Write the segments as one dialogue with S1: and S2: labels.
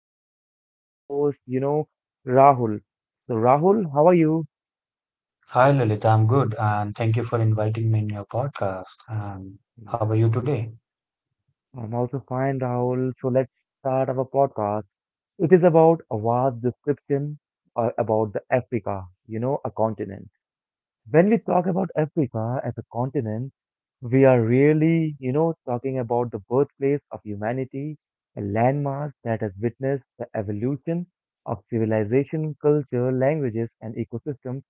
S1: and co-host, Rahul. So, Rahul, how are you?
S2: Hi Lilith, I'm good and thank you for inviting me in your podcast. And how are
S1: Yeah,
S2: you today?
S1: I'm also fine, Rahul. So, let's start our podcast. It is about a vast description about the Africa, a continent. When we talk about Africa as a continent, we are really, talking about the birthplace of humanity, a landmass that has witnessed the evolution of civilization, culture, languages, and ecosystems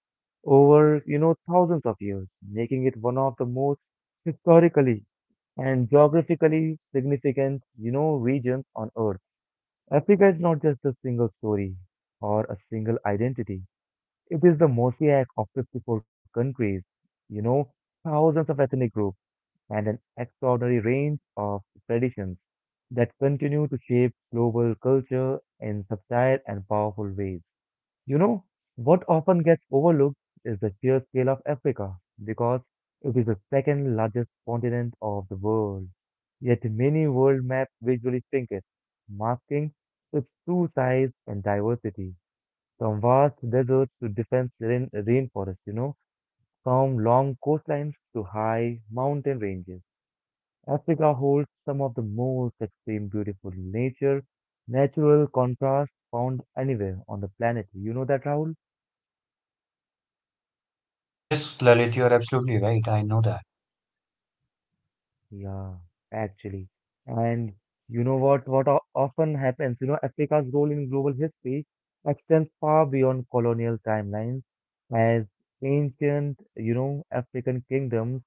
S1: over, thousands of years, making it one of the most historically and geographically significant, regions on Earth. Africa is not just a single story or a single identity. It is the mosaic of 54 countries, you know, thousands of ethnic groups and an extraordinary range of traditions that continue to shape global culture in subtle and powerful ways. You know, what often gets overlooked is the sheer scale of Africa because it is the second largest continent of the world. Yet many world maps visually shrink it, masking its true size and diversity. From vast deserts to dense rainforests, from long coastlines to high mountain ranges. Africa holds some of the most extreme beautiful nature, natural contrast found anywhere on the planet. You know that, Rahul?
S2: Yes, Lalit, you're absolutely right. I know that.
S1: Yeah, actually. And often happens, Africa's role in global history extends far beyond colonial timelines as ancient, African kingdoms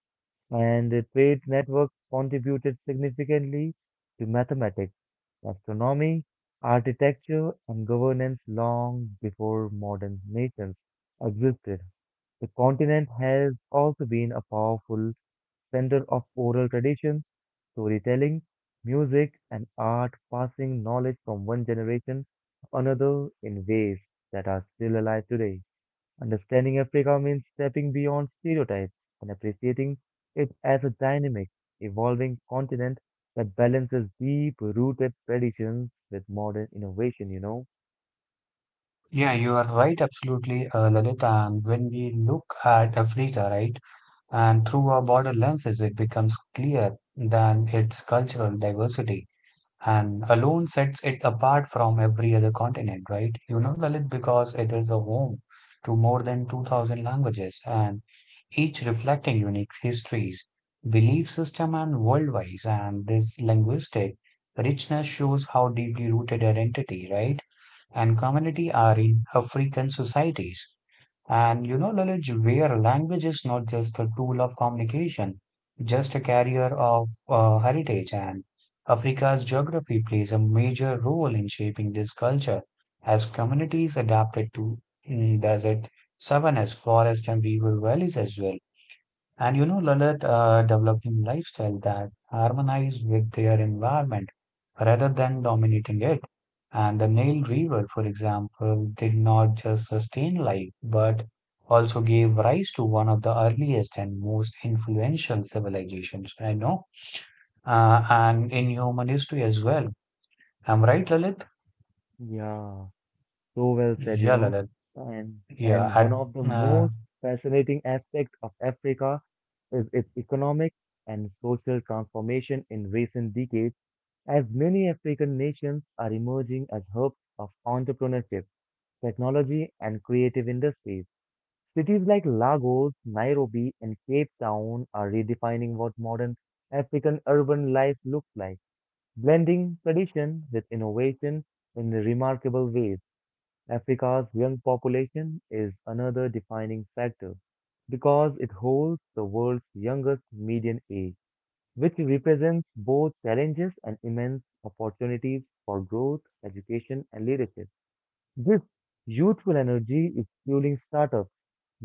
S1: and the trade networks contributed significantly to mathematics, astronomy, architecture, and governance long before modern nations existed. The continent has also been a powerful center of oral traditions, storytelling, music, and art, passing knowledge from one generation to another in ways that are still alive today. Understanding Africa means stepping beyond stereotypes and appreciating it as a dynamic, evolving continent that balances deep rooted traditions with modern innovation, you know?
S2: Yeah, you are right, absolutely, Lalit. And when we look at Africa, right, and through our border lenses, it becomes clear than its cultural diversity, and alone sets it apart from every other continent, right? You know, Lalit, because it is a home to more than 2,000 languages and each reflecting unique histories, belief system, and worldviews. And this linguistic richness shows how deeply rooted identity, right, and community are in African societies. And you know, Lalit, where language is not just a tool of communication, just a carrier of heritage, and Africa's geography plays a major role in shaping this culture as communities adapted to desert savannas, forest, and river valleys as well. And you know, Lalit, developing lifestyle that harmonize with their environment rather than dominating it. And the Nile River, for example, did not just sustain life, but also gave rise to one of the earliest and most influential civilizations, I know, and in human history as well. I'm right, Lalit?
S1: Yeah, so well said, you
S2: Yeah,
S1: know.
S2: Lalit.
S1: And
S2: Yeah,
S1: and one of the
S2: and, uh,
S1: most fascinating aspects of Africa is its economic and social transformation in recent decades, as many African nations are emerging as hubs of entrepreneurship, technology, and creative industries. Cities like Lagos, Nairobi, and Cape Town are redefining what modern African urban life looks like, blending tradition with innovation in remarkable ways. Africa's young population is another defining factor because it holds the world's youngest median age, which represents both challenges and immense opportunities for growth, education, and leadership. This youthful energy is fueling startups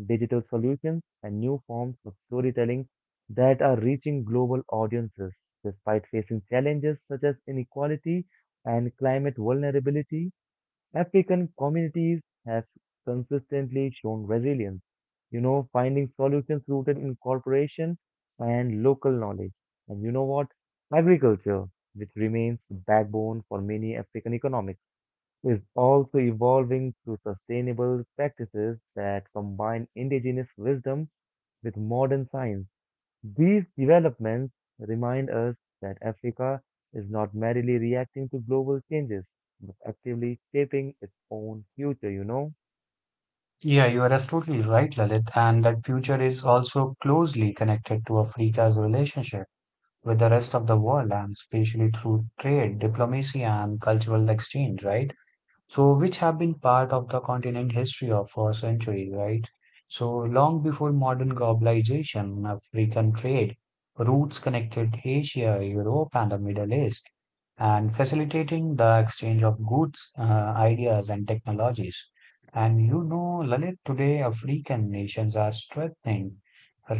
S1: digital solutions, and new forms of storytelling that are reaching global audiences despite facing challenges such as inequality and climate vulnerability. African communities have consistently shown resilience, finding solutions rooted in cooperation and local knowledge. And you know what? Agriculture, which remains the backbone for many African economies is also evolving through sustainable practices that combine indigenous wisdom with modern science. These developments remind us that Africa is not merely reacting to global changes, but actively shaping its own future, you know?
S2: yeah, you are absolutely right, Lalit. And that future is also closely connected to Africa's relationship with the rest of the world and especially through trade, diplomacy, and cultural exchange, right? So which have been part of the continent history of for centuries, right? So long before modern globalization, African trade routes connected Asia, Europe, and the Middle East, and facilitating the exchange of goods, ideas, and technologies. And you know, Lalit, today African nations are strengthening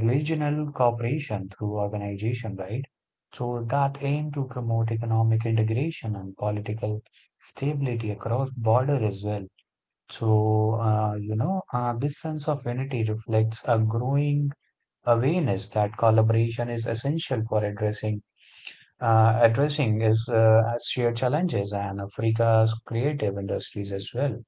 S2: regional cooperation through organization, right? So that aim to promote economic integration and political stability across border as well. So, this sense of unity reflects a growing awareness that collaboration is essential for addressing is as shared challenges and Africa's creative industries as well,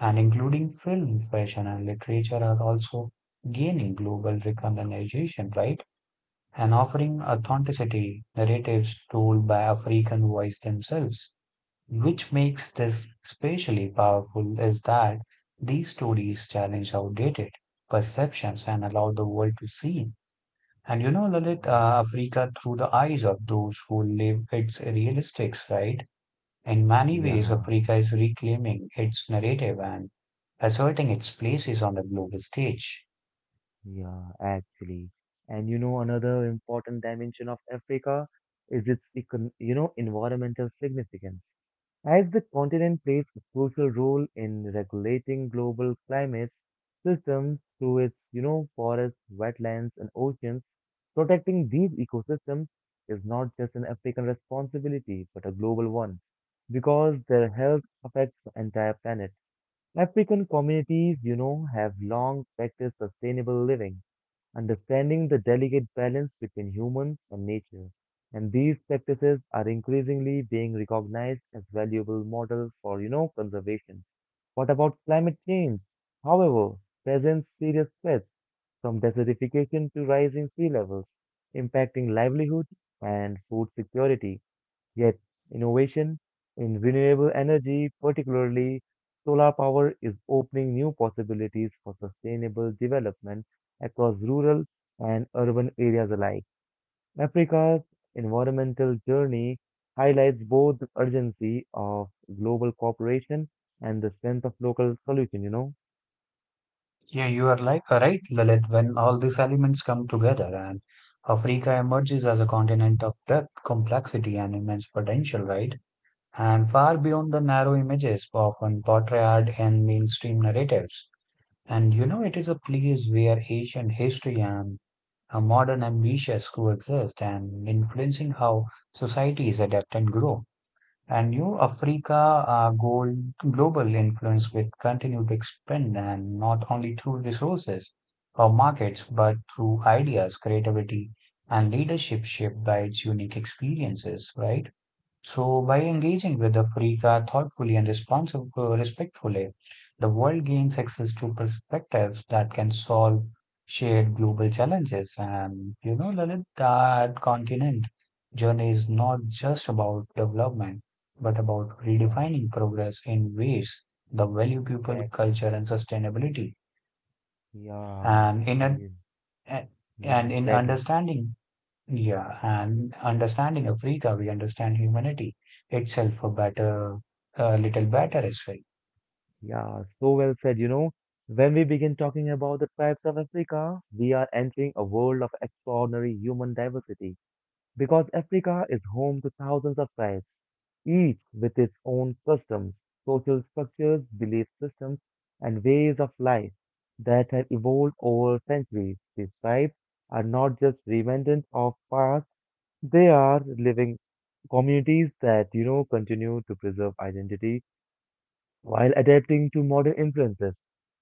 S2: and including film, fashion, and literature are also gaining global recognition, right? And offering
S1: Yeah,
S2: authenticity narratives told by African voice themselves. Which makes this especially powerful is that these stories challenge outdated perceptions and allow the world to see. And you know, Lalit,
S1: yeah,
S2: Africa through the eyes of those who live its realistics, right? In many ways,
S1: yeah,
S2: Africa is reclaiming its narrative and asserting its places on the global stage.
S1: yeah, actually. And another important dimension of Africa is its, environmental significance. As the continent plays a crucial role in regulating global climate systems through its, forests, wetlands, and oceans, protecting these ecosystems is not just an African responsibility, but a global one, because their health affects the entire planet. African communities, have long practiced sustainable living understanding the delicate balance between humans and nature. And these practices are increasingly being recognized as valuable models for conservation. What about climate change? However, presents serious threats from desertification to rising sea levels, impacting livelihood and food security. Yet, innovation in renewable energy, particularly solar power, is opening new possibilities for sustainable development across rural and urban areas alike. Africa's environmental journey highlights both the urgency of global cooperation and the strength of local solution, you know?
S2: Yeah, you are like right, Lalit, when all these elements come together and Africa emerges as a continent of depth, complexity, and immense potential, right? And far beyond the narrow images often portrayed in mainstream narratives. And you know, it is a place where ancient history and modern ambitions coexist and influencing how societies adapt and grow. And New Africa goal, global influence will continue to expand and not only through resources or markets, but through ideas, creativity, and leadership shaped by its unique experiences, right? So, by engaging with Africa thoughtfully and respectfully, the world gains access to perspectives that can solve shared global challenges. And you know, Lalit, that continent journey is not just about development, but about
S1: Yeah,
S2: redefining progress in ways that value people,
S1: actually.
S2: culture, and sustainability.
S1: Yeah,
S2: And
S1: and
S2: a-
S1: yeah,
S2: in
S1: exactly.
S2: understanding yeah, and understanding Africa, we understand humanity itself a little better as well.
S1: Yeah, so well said. You know, when we begin talking about the tribes of Africa, we are entering a world of extraordinary human diversity because Africa is home to thousands of tribes, each with its own customs, social structures, belief systems, and ways of life that have evolved over centuries. These tribes are not just remnants of past, they are living communities that, continue to preserve identity while adapting to modern influences,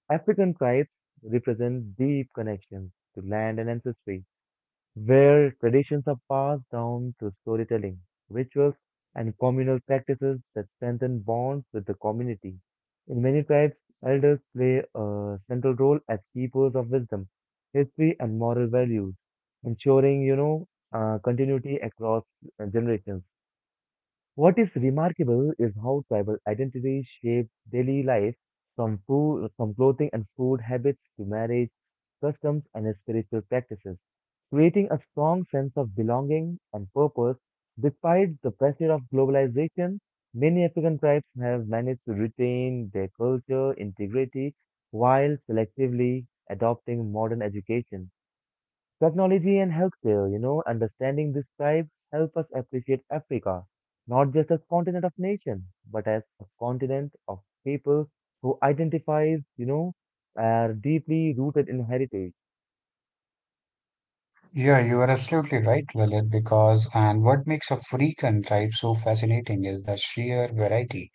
S1: African tribes represent deep connections to land and ancestry, where traditions are passed down through storytelling, rituals, and communal practices that strengthen bonds with the community. In many tribes, elders play a central role as keepers of wisdom, history, and moral values, ensuring continuity across generations. What is remarkable is how tribal identity shapes daily life, from food, from clothing and food habits to marriage, customs, and spiritual practices, creating a strong sense of belonging and purpose. Despite the pressure of globalization, many African tribes have managed to retain their culture integrity while selectively adopting modern education technology and healthcare, understanding this tribe help us appreciate Africa, not just as continent of nations, but as a continent of people who identifies, are deeply rooted in heritage.
S2: Yeah, you are absolutely right, Lalit, because and what makes African tribe so fascinating is the sheer variety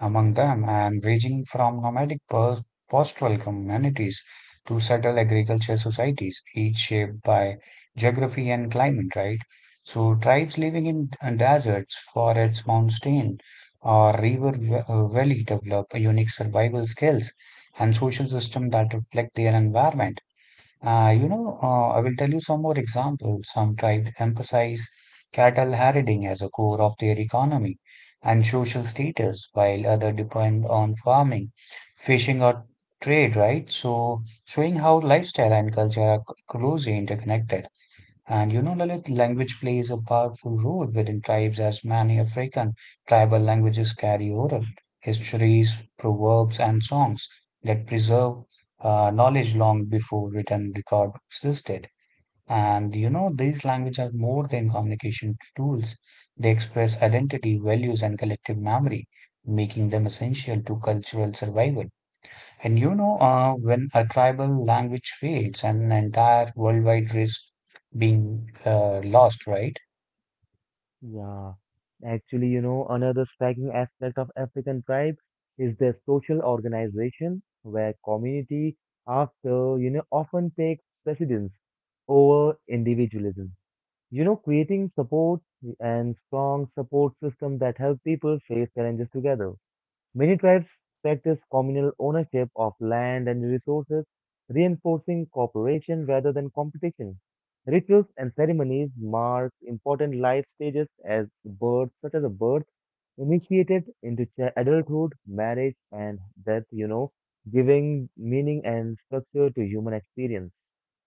S2: among them and ranging from nomadic pastoral communities to settled agriculture societies, each shaped by geography and climate, right? So, tribes living in deserts, forests, mountain, or river valley develop unique survival skills and social system that reflect their environment. I will tell you some more examples. Some tribes emphasize cattle herding as a core of their economy and social status, while others depend on farming, fishing, or trade, right? So, showing how lifestyle and culture are closely interconnected. And you know, Lalit, language plays a powerful role within tribes as many African tribal languages carry oral histories, proverbs, and songs that preserve knowledge long before written record existed. And you know, these languages are more than communication tools. They express identity, values, and collective memory, making them essential to cultural survival. And you know, when a tribal language fades, an entire worldwide risk being lost, right?
S1: Yeah. Actually, you know, another striking aspect of African tribe is their social organization, where community after, often takes precedence over individualism. You know, creating support and strong support system that help people face challenges together. Many tribes practice communal ownership of land and resources, reinforcing cooperation rather than competition. Rituals and ceremonies mark important life stages as birth, such as a birth, initiated into adulthood, marriage, and death, giving meaning and structure to human experience.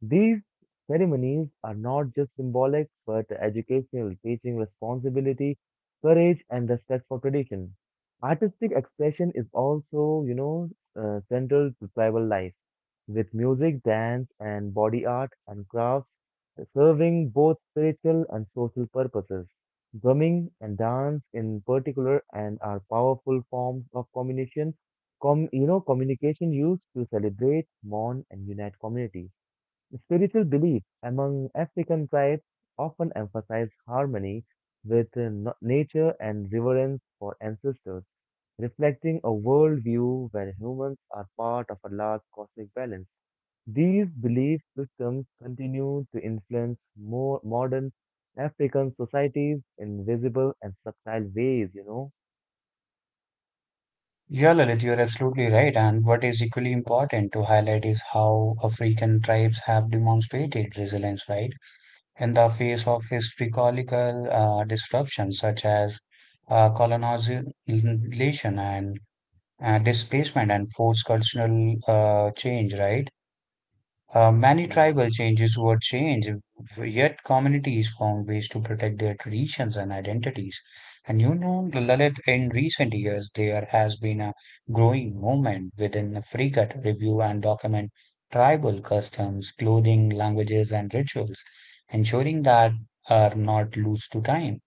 S1: These ceremonies are not just symbolic but educational, teaching responsibility, courage, and respect for tradition. Artistic expression is also central to tribal life, with music, dance, and body art and crafts serving both spiritual and social purposes. Drumming and dance, in particular, and are powerful forms of communication, communication used to celebrate, mourn, and unite communities. Spiritual beliefs among African tribes often emphasize harmony with nature and reverence for ancestors, reflecting a worldview where humans are part of a large cosmic balance. These belief systems continue to influence more modern African societies in visible and subtle ways, you know?
S2: Yeah, Lalit, you're absolutely right. And what is equally important to highlight is how African tribes have demonstrated resilience, right? In the face of historical disruptions such as colonization and displacement and forced cultural change, right? Many
S1: Yeah,
S2: tribal changes were changed, yet communities found ways to protect their traditions and identities. And you know, Lalit, in recent years, there has been a growing movement within Africa to review and document tribal customs, clothing, languages, and rituals, ensuring that are not lost to time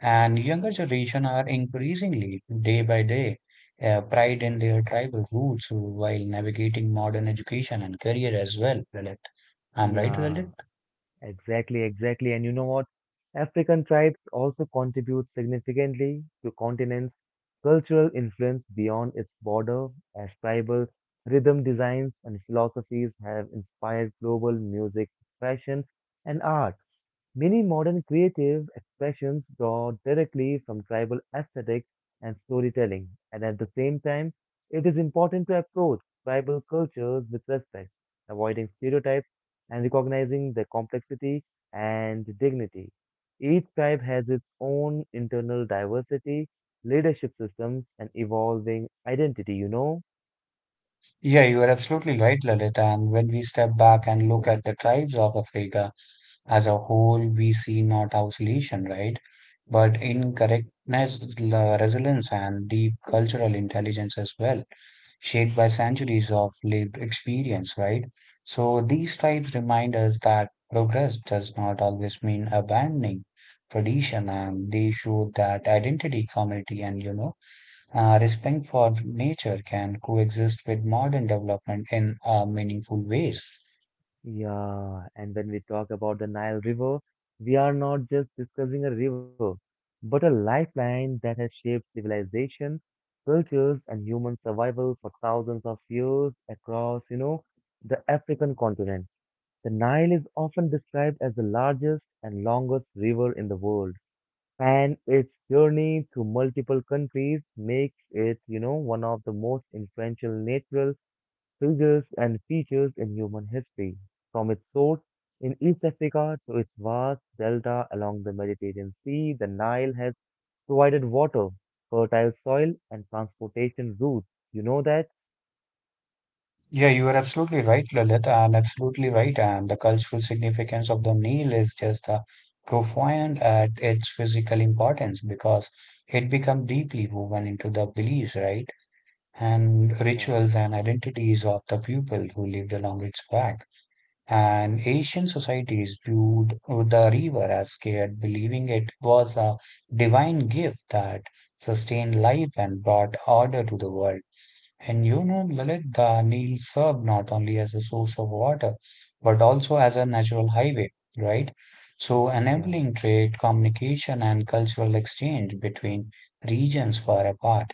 S2: and younger generation are increasingly day by day pride in their tribal roots while navigating modern education and career as well, Lalit. I'm right,
S1: yeah.
S2: Lalit?
S1: Exactly, exactly. And you know what? African tribes also contribute significantly to continent's cultural influence beyond its border, as tribal rhythm designs and philosophies have inspired global music, fashion, and art. Many modern creative expressions draw directly from tribal aesthetics and storytelling, and at the same time, it is important to approach tribal cultures with respect, avoiding stereotypes and recognizing their complexity and dignity. Each tribe has its own internal diversity, leadership systems, and evolving identity, you know?
S2: Yeah, you are absolutely right, Lalit. And when we step back and look at the tribes of Africa as a whole, we see not isolation, right? But incorrectness, resilience, and deep cultural intelligence as well, shaped by centuries of lived experience, right? So these types remind us that progress does not always mean abandoning tradition, and they show that identity, community, and respect for nature can coexist with modern development in meaningful ways.
S1: Yeah, and when we talk about the Nile River, we are not just discussing a river, but a lifeline that has shaped civilization, cultures, and human survival for thousands of years across, the African continent. The Nile is often described as the largest and longest river in the world, and its journey through multiple countries makes it, one of the most influential natural triggers and features in human history, from its source in East Africa to its vast delta along the Mediterranean Sea. The Nile has provided water, fertile soil, and transportation routes. You know that?
S2: Yeah, you are absolutely right, Lalit, and absolutely right. And the cultural significance of the meal is just profound at its physical importance because it becomes deeply woven into the beliefs, right, and
S1: Yeah,
S2: rituals and identities of the people who lived along its back. And Asian societies viewed the river as scared, believing it was a divine gift that sustained life and brought order to the world. And you know, Lalit, the Nile served not only as a source of water, but also as a natural highway, right? So,
S1: yeah,
S2: enabling trade, communication, and cultural exchange between regions far apart.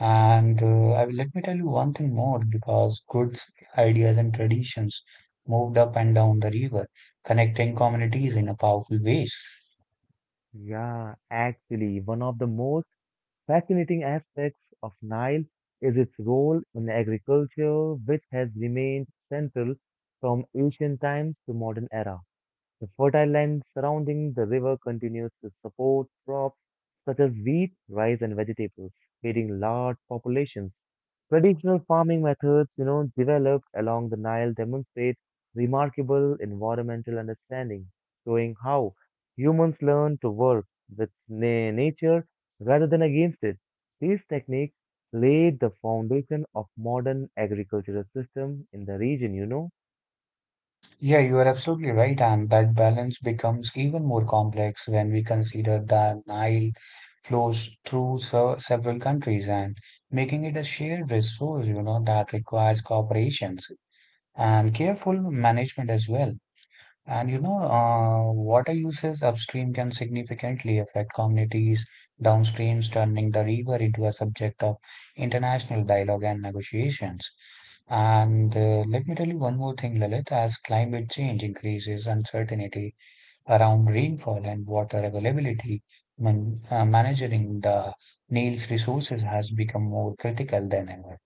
S2: And
S1: yeah.
S2: I let me tell you one thing more because goods, ideas, and traditions moved up and down the river, connecting communities in a powerful ways.
S1: Yeah, actually, one of the most fascinating aspects of Nile is its role in agriculture, which has remained central from ancient times to modern era. The fertile land surrounding the river continues to support crops such as wheat, rice, and vegetables, feeding large populations. Traditional farming methods, developed along the Nile demonstrate remarkable environmental understanding, showing how humans learn to work with nature rather than against it. These techniques laid the foundation of modern agricultural system in the region, you know.
S2: Yeah, you are absolutely right, and that balance becomes even more complex when we consider that Nile flows through several countries and making it a shared resource, that requires cooperations and careful management as well. And you know, water uses upstream can significantly affect communities downstream, turning the river into a subject of international dialogue and negotiations. And let me tell you one more thing, Lalit, as climate change increases uncertainty around rainfall and water availability, managing the Nile's resources has become more critical than ever.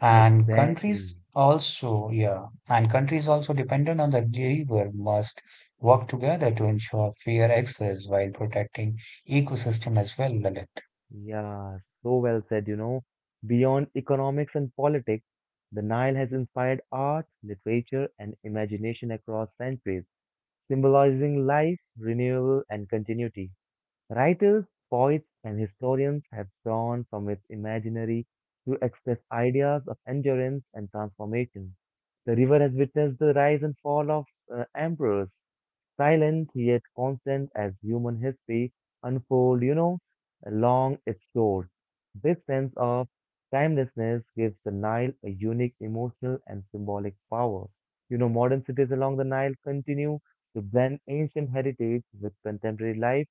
S2: And
S1: Exactly.
S2: countries also, yeah, and countries also dependent on the river must work together to ensure fair access while protecting ecosystem as well, Lalit.
S1: Yeah, so well said, you know. Beyond economics and politics, the Nile has inspired art, literature, and imagination across centuries, symbolizing life, renewal, and continuity. Writers, poets, and historians have drawn from its imaginary to express ideas of endurance and transformation. The river has witnessed the rise and fall of emperors, silent yet constant as human history unfold, along its shores. This sense of timelessness gives the Nile a unique emotional and symbolic power. You know, modern cities along the Nile continue to blend ancient heritage with contemporary life,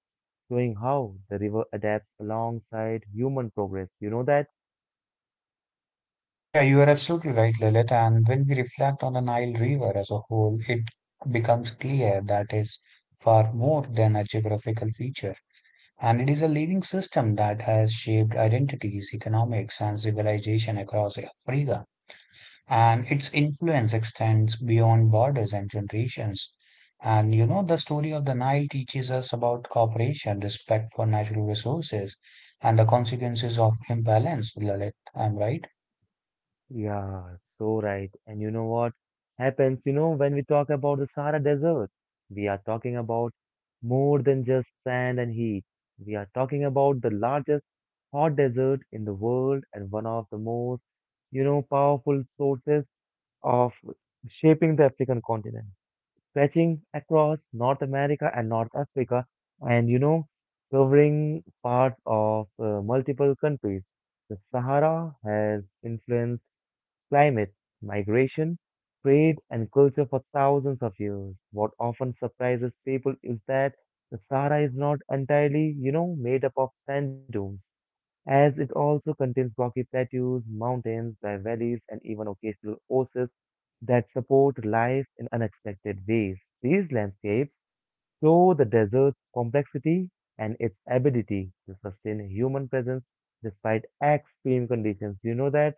S1: showing how the river adapts alongside human progress. You know that?
S2: Yeah, you are absolutely right, Lalit. And when we reflect on the Nile River as a whole, it becomes clear that is far more than a geographical feature. And it is a living system that has shaped identities, economics, and civilization across Africa, and its influence extends beyond borders and generations. And you know, the story of the Nile teaches us about cooperation, respect for natural resources, and the consequences of imbalance, Lalit. I'm right.
S1: Yeah, so right. And you know what happens, when we talk about the Sahara Desert, we are talking about more than just sand and heat. We are talking about the largest hot desert in the world and one of the most, powerful sources of shaping the African continent, stretching across North America and North Africa, and, covering parts of multiple countries. The Sahara has influenced climate, migration, trade, and culture for thousands of years. What often surprises people is that the Sahara is not entirely, made up of sand dunes, as it also contains rocky plateaus, mountains, dry valleys, and even occasional oases that support life in unexpected ways. These landscapes show the desert's complexity and its ability to sustain human presence despite extreme conditions. You know that?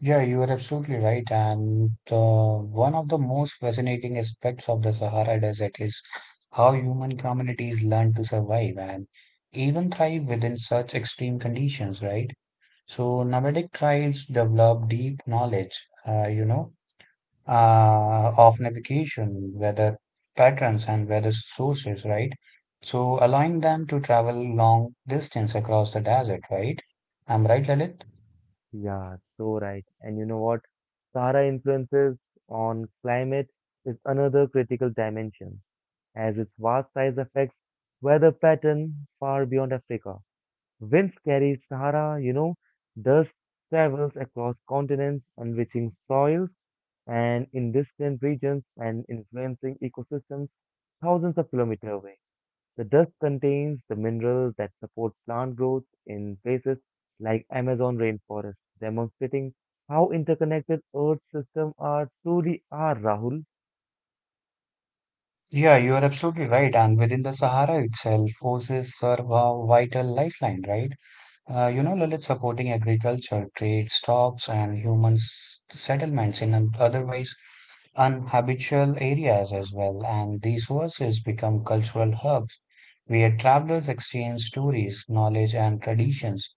S2: Yeah, you are absolutely right. And one of the most fascinating aspects of the Sahara Desert is how human communities learn to survive and even thrive within such extreme conditions, right? So, nomadic tribes develop deep knowledge, of navigation, weather patterns, and weather sources, right? So allowing them to travel long distance across the desert, right? I'm right, Lalit?
S1: Yeah, so right. And you know what? Sahara influences on climate is another critical dimension, as its vast size affects weather pattern far beyond Africa. Winds carry Sahara, dust travels across continents, enriching soils and in distant regions and influencing ecosystems thousands of kilometers away. The dust contains the minerals that support plant growth in places like Amazon rainforest, demonstrating how interconnected Earth systems are truly are, Rahul.
S2: Yeah, you are absolutely right. And within the Sahara itself, oases serve a vital lifeline, right? Lalit, supporting agriculture, trade, stocks, and human settlements in an otherwise unhabitual areas as well. And these verses become cultural hubs where travelers exchange stories, knowledge, and traditions,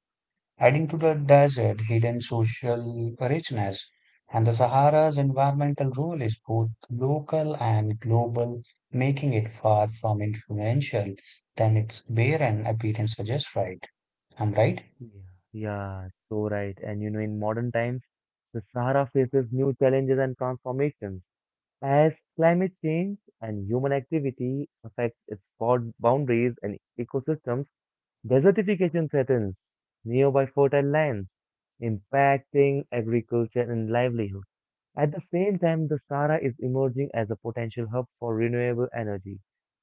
S2: adding to the desert hidden social richness. And the Sahara's environmental role is both local and global, making it far from influential than its barren appearance suggests, right? I'm right.
S1: Yeah, yeah, so right. And you know, in modern times, the Sahara faces new challenges and transformations as climate change and human activity affect its boundaries and ecosystems. Desertification threatens nearby fertile lands, impacting agriculture and livelihoods. At the same time, the Sahara is emerging as a potential hub for renewable energy,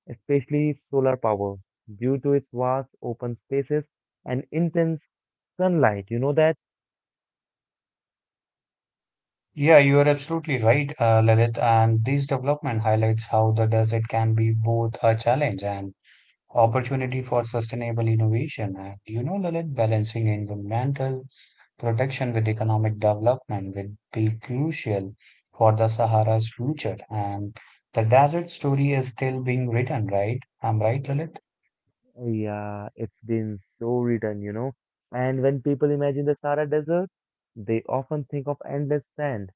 S1: especially solar power, due to its vast open spaces and intense sunlight. You know that?
S2: Yeah, you are absolutely right, Lalit. And this development highlights how the desert can be both a challenge and opportunity for sustainable innovation. And you know, Lalit, balancing environmental protection with economic development will be crucial for the Sahara's future. And the desert story is still being written, right? I'm right, Lalit?
S1: Yeah, it's been so written, you know. And when people imagine the Sahara Desert, they often think of endless sand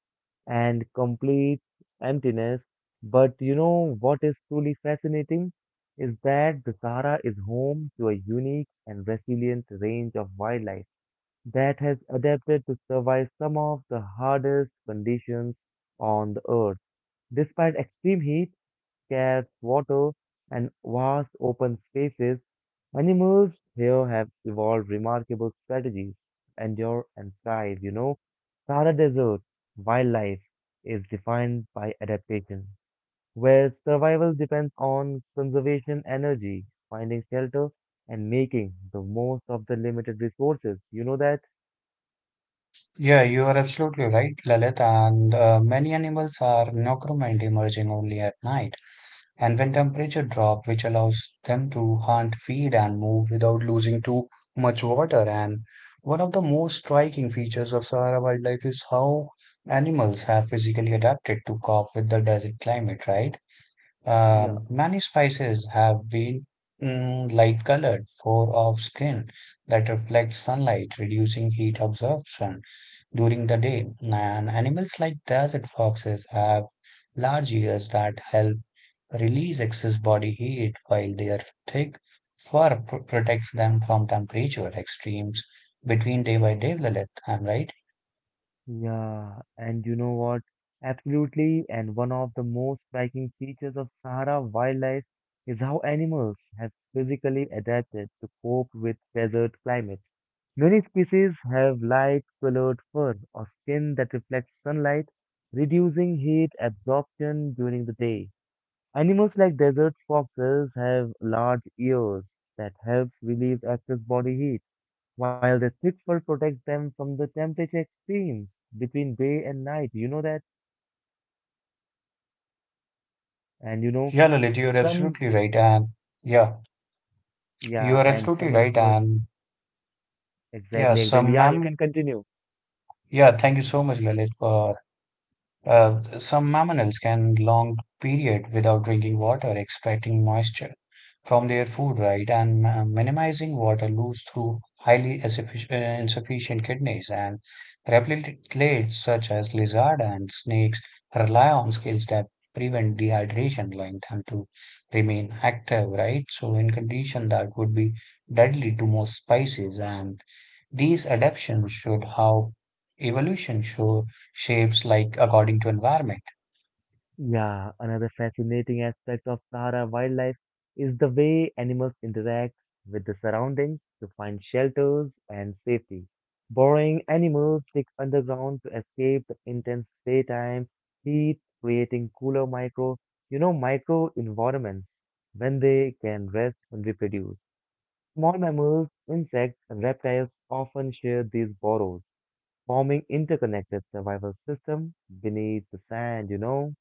S1: and complete emptiness. But you know what is truly fascinating is that the Sahara is home to a unique and resilient range of wildlife that has adapted to survive some of the hardest conditions on the earth. Despite extreme heat, scarce water, and vast open spaces, animals here have evolved remarkable strategies to endure and thrive. You know, Sahara Desert wildlife is defined by adaptation, where survival depends on conservation energy, finding shelter, and making the most of the limited resources. You know that?
S2: Yeah, you are absolutely right, Lalit. And many animals are nocturnal, emerging only at night and when temperature drop which allows them to hunt, feed and move without losing too much water and one of the most striking features of Sahara wildlife is how animals have physically adapted to cope with the desert climate, right?
S1: Yeah.
S2: Many species have been light colored fur of skin that reflects sunlight, reducing heat absorption during the day. And animals like desert foxes have large ears that help release excess body heat, while their thick protects them from temperature extremes between day by day, Lalit. I'm right.
S1: Yeah, and you know what? Absolutely, and one of the most striking features of Sahara wildlife is how animals have physically adapted to cope with desert climates. Many species have light colored fur or skin that reflects sunlight, reducing heat absorption during the day. Animals like desert foxes have large ears that helps relieve excess body heat while the thick fur protects them from the temperature extremes between day and night. You know that? And you know,
S2: Yeah, Lalit, you're
S1: some,
S2: absolutely right. And yeah, you
S1: yeah,
S2: are
S1: and
S2: absolutely
S1: some
S2: right.
S1: mammals,
S2: And yeah,
S1: exactly, exactly.
S2: some
S1: Yeah, you
S2: mam.
S1: can continue.
S2: Yeah, thank you so much, Lalit, for some mammals can long period without drinking water, extracting moisture from their food, right, and minimizing water loss through highly insufficient kidneys. And reptiles such as lizard and snakes rely on skills that prevent dehydration, allowing them to remain active, right? So, in condition that would be deadly to most species, and these adaptations should how evolution show shapes like according to environment.
S1: Yeah, another fascinating aspect of Sahara wildlife is the way animals interact with the surroundings to find shelters and safety. Burrowing animals dig underground to escape the intense daytime heat, creating cooler micro environments when they can rest and reproduce. Small mammals, insects, and reptiles often share these burrows, forming interconnected survival systems beneath the sand, you know?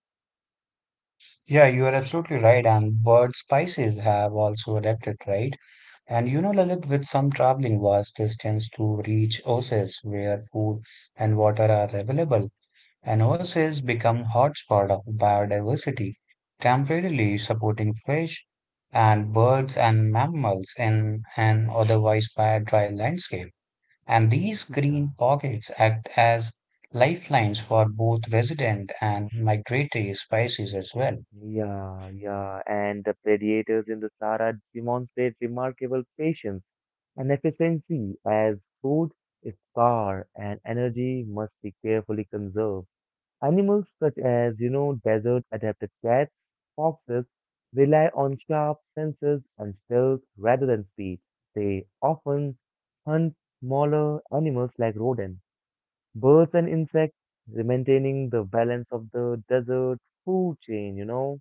S2: Yeah, you are absolutely right. And bird species have also adapted, right? And you know, Lalit, with some traveling vast distance to reach oases where food and water are available, and oases become hotspot of biodiversity, temporarily supporting fish and birds and mammals in an otherwise dry landscape. And these
S1: Yeah.
S2: green pockets act as lifelines for both resident and migratory species as well.
S1: Yeah, and the predators in the Sahara demonstrate remarkable patience and efficiency as food is scarce and energy must be carefully conserved. Animals such as, desert-adapted cats, foxes rely on sharp senses and stealth rather than speed. They often hunt smaller animals like rodents, birds and insects, maintaining the balance of the desert food chain, you know.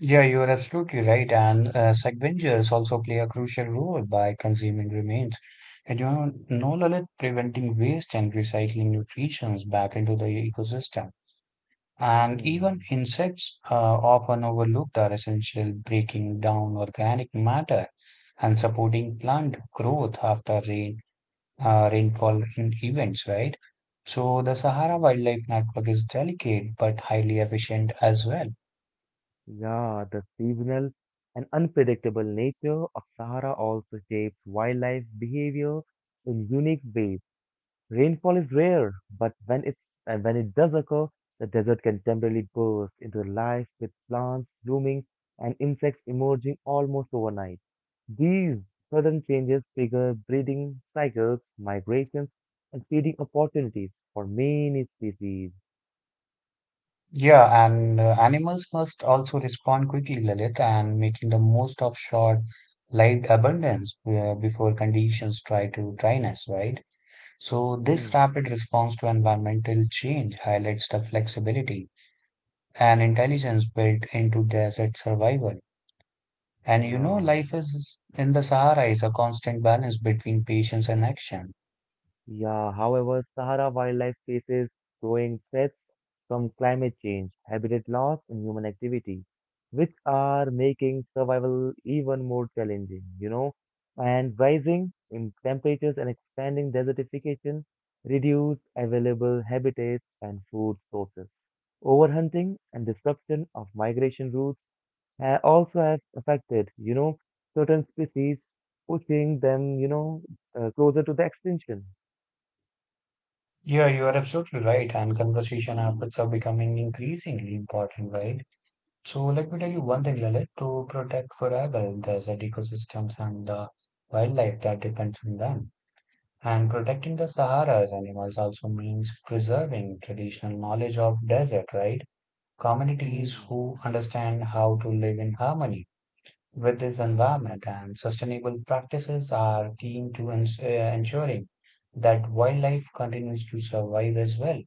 S2: Yeah, you're absolutely right. And scavengers also play a crucial role by consuming remains. And you know, no Lalit, preventing waste and recycling nutrients back into the ecosystem. And even
S1: Hmm.
S2: insects often overlooked are essential breaking down organic matter and supporting plant growth after rainfall and events, right? So the Sahara
S1: Yeah,
S2: Wildlife Network is delicate but highly efficient as well.
S1: Yeah, the seasonal and unpredictable nature of Sahara also shapes wildlife behavior in unique ways. Rainfall is rare, but when it and when it does occur, the desert can temporarily burst into life with plants blooming and insects emerging almost overnight. These sudden changes trigger breeding cycles, migrations, and feeding opportunities for many species.
S2: Yeah, and animals must also respond quickly, Lalit, and making the most of short-lived abundance before conditions try to dryness, right? So this
S1: Hmm.
S2: rapid response to environmental change highlights the flexibility and intelligence built into desert survival. And you know,
S1: Yeah.
S2: life is in the Sahara is a constant balance between patience and action.
S1: Yeah, however, Sahara wildlife faces growing threats from climate change, habitat loss, and human activity, which are making survival even more challenging, you know. And rising in temperatures and expanding desertification reduce available habitats and food sources. Overhunting and disruption of migration routes also have affected, certain species, pushing them, closer to the extinction.
S2: Yeah, you are absolutely right. And conversation habits are becoming increasingly important, right? So let me tell you one thing, Lalit, to protect forever the ecosystems and the wildlife that depends on them. And protecting the Sahara's animals also means preserving traditional knowledge of desert, right? Communities
S1: Hmm.
S2: who understand how to live in harmony with this environment and sustainable practices are keen to ensuring that wildlife continues to survive as well.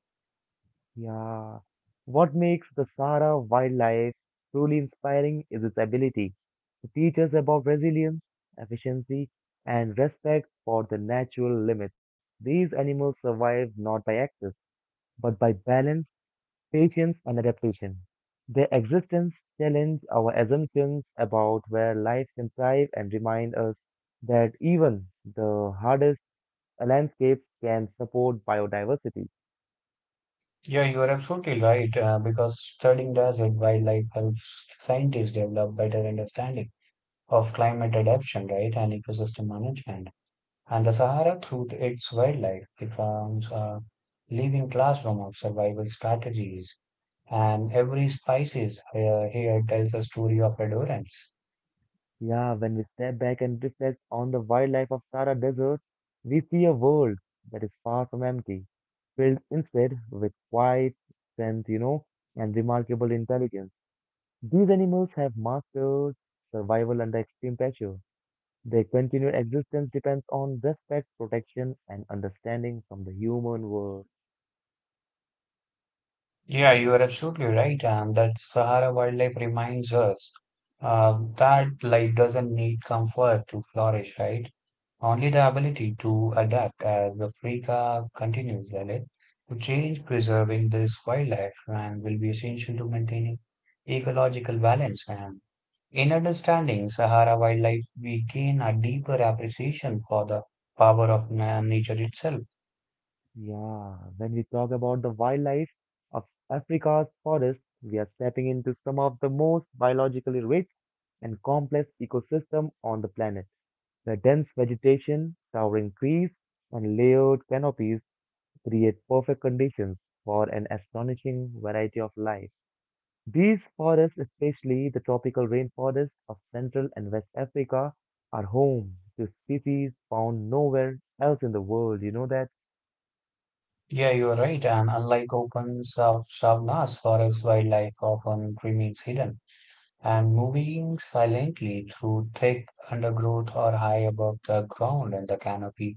S1: Yeah. What makes the Sahara wildlife truly inspiring is its ability to teach us about resilience, efficiency, and respect for the natural limits. These animals survive not by access, but by balance, patience, and adaptation. Their existence challenges our assumptions about where life can thrive and remind us that even the hardest landscapes can support biodiversity.
S2: Yeah, you are absolutely right, because studying desert wildlife helps scientists develop better understanding of climate adaptation, right, and ecosystem management. And the Sahara, through its wildlife, becomes a living classroom of survival strategies. And every species here tells a story of endurance.
S1: Yeah, when we step back and reflect on the wildlife of Sahara Desert, we see a world that is far from empty, filled instead with quiet strength, you know, and remarkable intelligence. These animals have mastered survival under extreme pressure. Their continued existence depends on respect, protection, and understanding from the human world.
S2: Yeah,
S1: Yeah.
S2: you are absolutely right, and that Sahara wildlife reminds us that life doesn't need comfort to flourish, right? Only the ability to adapt as Africa continues and it to change preserving this wildlife and will be essential to maintaining ecological balance and in understanding Sahara wildlife we gain a deeper appreciation for the power of nature itself.
S1: Yeah, when we talk about the wildlife of Africa's forests, we are stepping into some of the most biologically rich and complex ecosystem on the planet. The dense vegetation, towering trees, and layered canopies create perfect conditions for an astonishing variety of life. These forests, especially the tropical rainforests of Central and West Africa, are home to species found nowhere else in the world. You know that?
S2: Yeah, you are right and unlike open savannas forest wildlife often remains hidden and moving silently through thick undergrowth or high above the ground in the canopy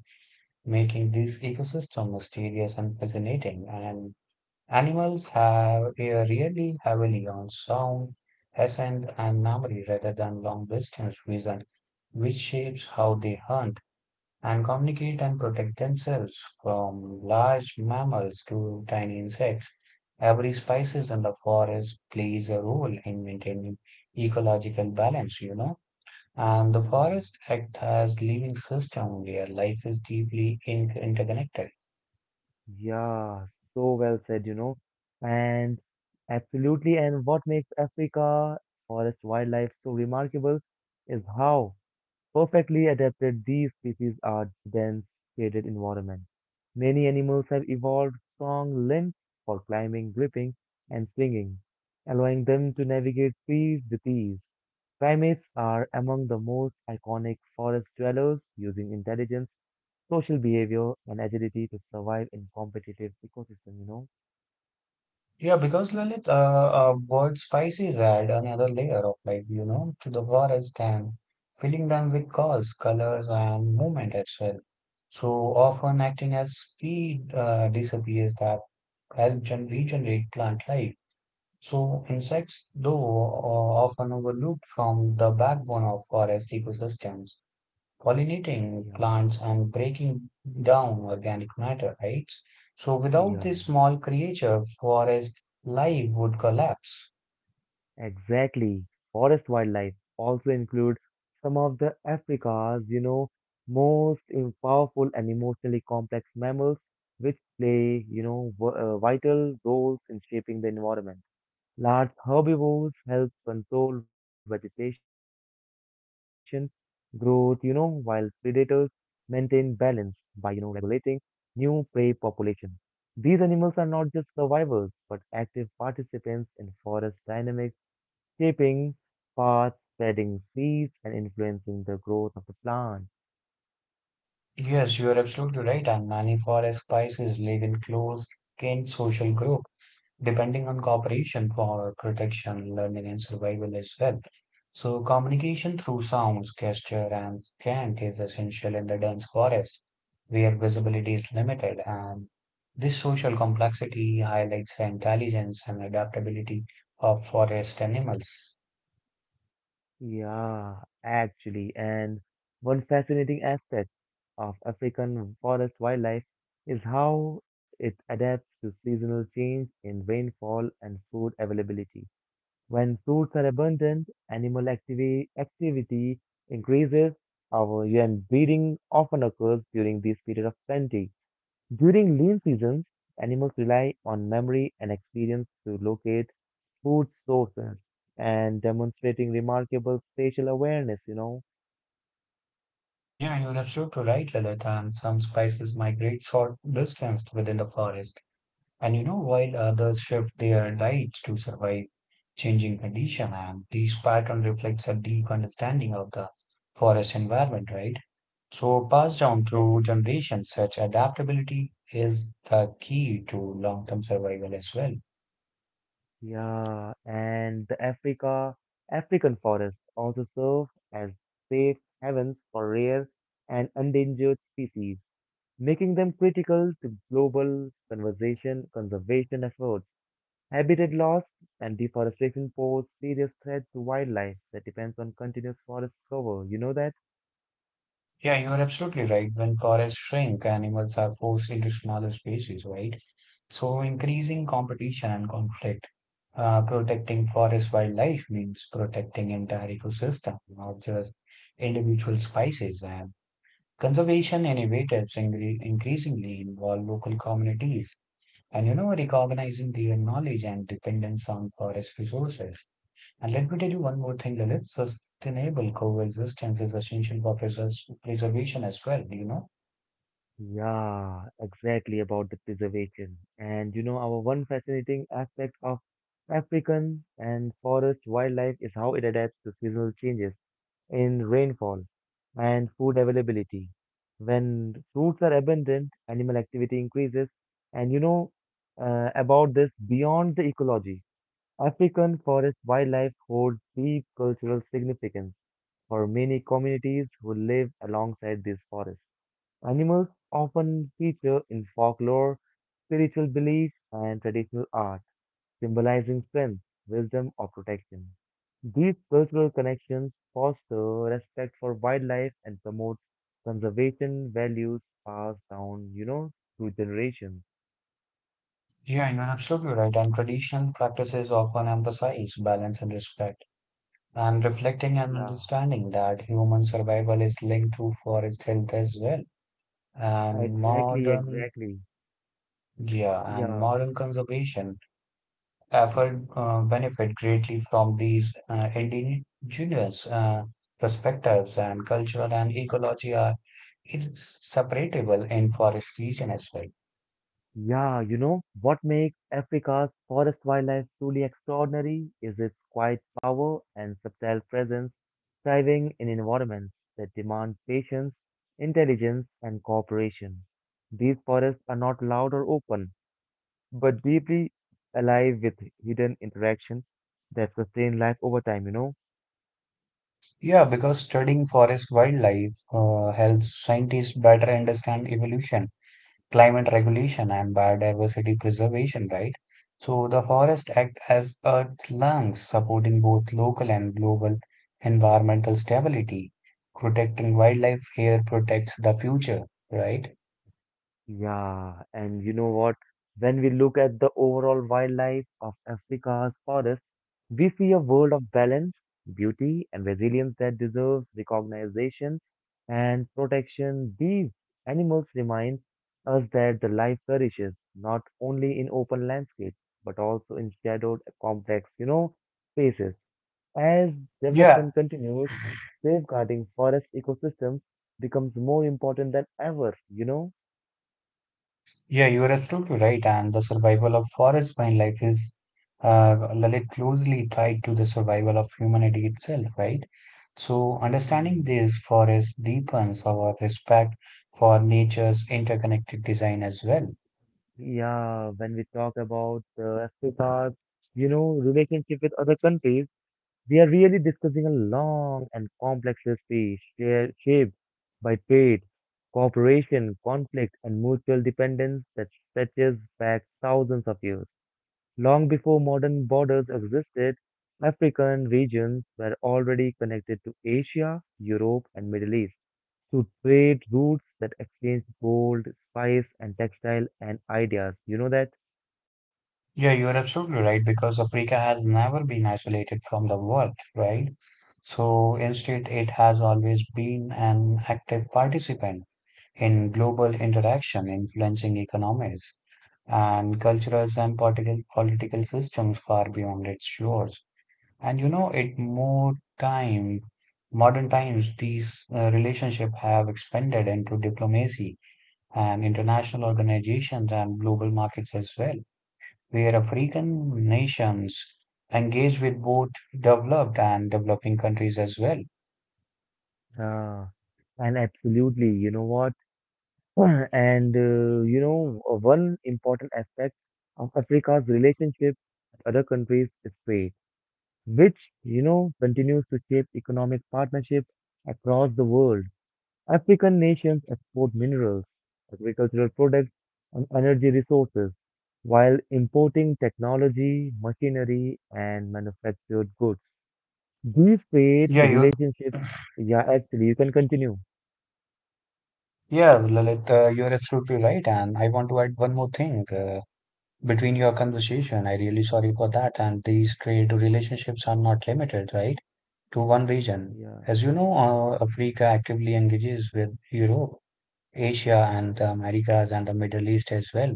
S2: making this ecosystem mysterious and fascinating. And animals have they really heavily on sound, scent, and memory rather than long distance reason, which shapes how they hunt and communicate and protect themselves from large mammals to tiny insects. Every species in the forest plays a role in maintaining ecological balance, you know. And the
S1: Yeah.
S2: forest act as living system where life is deeply interconnected.
S1: Yeah, so well said, you know. And absolutely, and what makes Africa forest wildlife so remarkable is how perfectly adapted these species are to dense shaded environments. Many animals have evolved strong limbs for climbing, gripping, and swinging, allowing them to navigate trees with ease. Primates are among the most iconic forest dwellers, using intelligence social behavior and agility to survive in competitive ecosystem, you know?
S2: Yeah, because Lalit, bird species add another layer of life, you know, to the forest and filling them with colors, colors, and movement as well. So often acting as speed disappears that help regenerate plant life. So insects, though, are often overlooked from the backbone of forest ecosystems. Pollinating
S1: Yeah,
S2: plants and breaking down organic matter, right? So without
S1: yeah,
S2: this small creature, forest life would collapse.
S1: exactly. Forest wildlife also include some of the Africa's, most powerful and emotionally complex mammals, which play, vital roles in shaping the environment. Large herbivores help control vegetation growth, you know, while predators maintain balance by, regulating new prey population. These animals are not just survivors, but active participants in forest dynamics, shaping paths, spreading seeds, and influencing the growth of the plant.
S2: Yes, you are absolutely right. And many forest spices live in close kin social group, depending on cooperation for protection, learning, and survival as well. So communication through sounds, gesture, and scent is essential in the dense forest, where visibility is limited. And this social complexity highlights the intelligence and adaptability of forest animals.
S1: Yeah, actually, and one fascinating aspect of African forest wildlife is how it adapts to seasonal change in rainfall and food availability. When fruits are abundant, activity increases, our and breeding often occurs during this period of plenty. During lean seasons, animals rely on memory and experience to locate food sources and demonstrating remarkable spatial awareness, you know.
S2: Yeah, you're absolutely right, Lilith. And some species migrate short distance within the forest. And you know, while others shift their diets to survive changing condition, and these pattern reflects a deep understanding of the forest environment, right? So passed down through
S1: Exactly.
S2: generations, such adaptability is the key to long-term survival as well.
S1: Yeah, and African forests also serve as safe havens for rare and endangered species, making them critical to global conservation efforts. Habitat loss and deforestation pose serious threats to wildlife that depends on continuous forest cover. You know that?
S2: Yeah, you are absolutely right. When forests shrink, animals are forced into smaller spaces, right? So, increasing competition and conflict. Protecting forest wildlife means protecting entire ecosystem, not just individual species. And conservation initiatives increasingly involve local communities, and you know, recognizing their knowledge and dependence on forest resources. And let me tell you one more thing, Lilith. Sustainable coexistence is essential for preservation as well, do you know?
S1: Yeah, exactly about the preservation. And you know, our one fascinating aspect of African and forest wildlife is how it adapts to seasonal changes in rainfall and food availability. When fruits are abundant, animal activity increases. And you know about this beyond the ecology. African forest wildlife holds deep cultural significance for many communities who live alongside these forests. Animals often feature in folklore, spiritual beliefs, and traditional art, symbolizing strength, wisdom, or protection. These cultural connections foster respect for wildlife and promote conservation values passed down, you know, through generations.
S2: Yeah, you're absolutely right. And traditional practices often emphasize balance and respect. And reflecting and
S1: Yeah,
S2: understanding that human survival is linked to forest health as well. And
S1: exactly,
S2: modern,
S1: exactly.
S2: yeah, and
S1: Yeah,
S2: modern conservation effort benefit greatly from these indigenous perspectives, and culture and ecology are inseparable in forest region as well.
S1: yeah, you know, what makes Africa's forest wildlife truly extraordinary is its quiet power and subtle presence, thriving in environments that demand patience, intelligence, and cooperation. These forests are not loud or open but deeply alive with hidden interactions that sustain life over time, you know?
S2: Yeah, because studying forest wildlife helps scientists better understand evolution climate regulation and biodiversity preservation, right? So the forests act as Earth's lungs, supporting both local and global environmental stability. Protecting wildlife here protects the future, right?
S1: Yeah, and you know what? When we look at the overall wildlife of Africa's forest, we see a world of balance, beauty, and resilience that deserves recognition and protection. These animals remind us that the life flourishes not only in open landscapes but also in shadowed, complex, you know, spaces. As
S2: Yeah,
S1: development continues, safeguarding forest ecosystems becomes more important than ever, you know?
S2: yeah, you are absolutely right. And the survival of forest wildlife is Lalit, closely tied to the survival of humanity itself, right? So
S1: Hmm.
S2: understanding this forest deepens our respect for nature's interconnected design as well.
S1: Yeah, when we talk about Africa's, relationship with other countries, we are really discussing a long and complex history shaped by trade, cooperation, conflict, and mutual dependence that stretches back thousands of years. Long before modern borders existed, African regions were already connected to Asia, Europe, and Middle East to trade routes that exchange gold, spice, and textile and ideas. You know that?
S2: Yeah, you are absolutely right because Africa has never been isolated from the world, right? So instead, it has always been an active participant in global interaction, influencing economies and cultures and political systems far beyond its shores. And you know, it more time, modern times, these relationship have expanded into diplomacy and international organizations and global markets as well where African nations engage with both developed and developing countries as well.
S1: Uh, and absolutely, you know what? One important aspect of Africa's relationship with other countries is trade, which you know continues to shape economic partnerships across the world. African nations export minerals, agricultural products, and energy resources while importing technology, machinery, and manufactured goods. These trade
S2: Yeah,
S1: relationships, yeah, actually, you can continue.
S2: yeah, Lalit, you're absolutely right. And I want to add one more thing. Between your conversation, I really sorry for that. And these trade relationships are not limited, right, to one region.
S1: Yeah,
S2: As you know, Africa actively engages with Europe, Asia, and the Americas and the Middle East as well,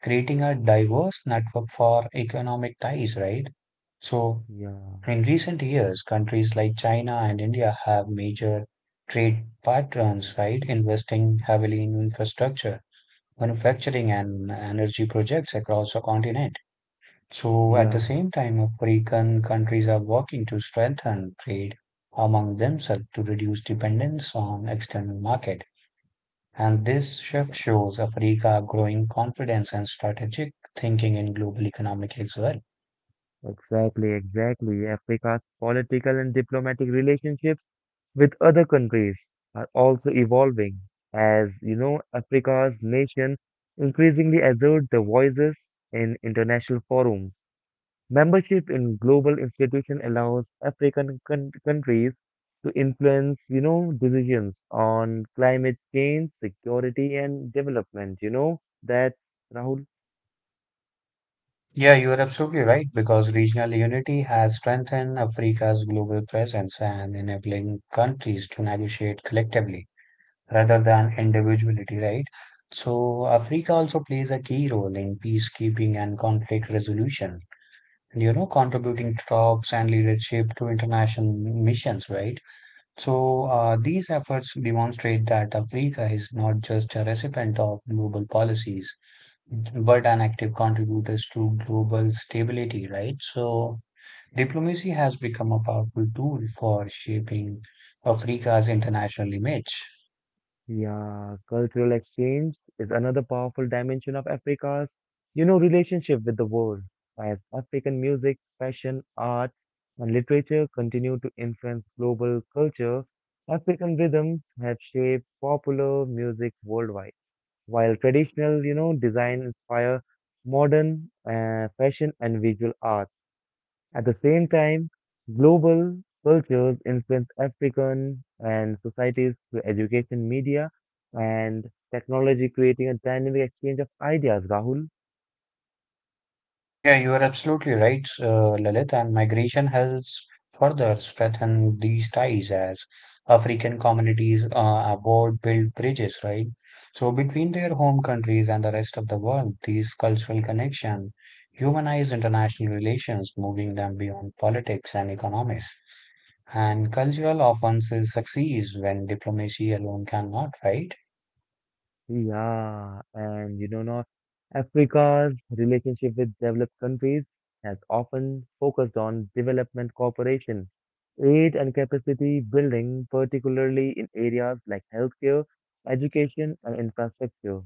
S2: creating a diverse network for economic ties, right? So
S1: yeah,
S2: in recent years, countries like China and India have major trade partners, right, investing heavily in infrastructure, manufacturing, and energy projects across the continent. So, at the
S1: yeah.
S2: same time, African countries are working to strengthen trade among themselves to reduce dependence on external market. And this shift shows Africa growing confidence and strategic thinking in global economic as well.
S1: Exactly, exactly. Africa's political and diplomatic relationships with other countries are also evolving as, you know, Africa's nation increasingly assert their voices in international forums. Membership in global institutions allows African countries to influence, decisions on climate change, security, and development. You know that, Rahul?
S2: Yeah, you are absolutely right because regional unity has strengthened Africa's global presence and enabling countries to negotiate collectively rather than individuality, right? So, Africa also plays a key role in peacekeeping and conflict resolution, you know, contributing troops and leadership to international missions, right? So, these efforts demonstrate that Africa is not just a recipient of global policies but an active contributors to global stability, right? So diplomacy has become a powerful tool for shaping Africa's international image.
S1: Yeah, cultural exchange is another powerful dimension of Africa's, relationship with the world. As African music, fashion, art, and literature continue to influence global culture, African rhythms have shaped popular music worldwide, while traditional, design inspire modern fashion and visual art. At the same time, global cultures influence African and societies through education, media, and technology, creating a dynamic exchange of ideas, Rahul.
S2: Yeah, you are absolutely right, Lalit, and migration helps further strengthen these ties as African communities abroad build bridges, right? So between their home countries and the rest of the world, these cultural connections humanize international relations, moving them beyond politics and economics. And cultural offenses succeeds when diplomacy alone cannot, right?
S1: Yeah, and not Africa's relationship with developed countries has often focused on development cooperation, aid and capacity building, particularly in areas like healthcare, education, and infrastructure.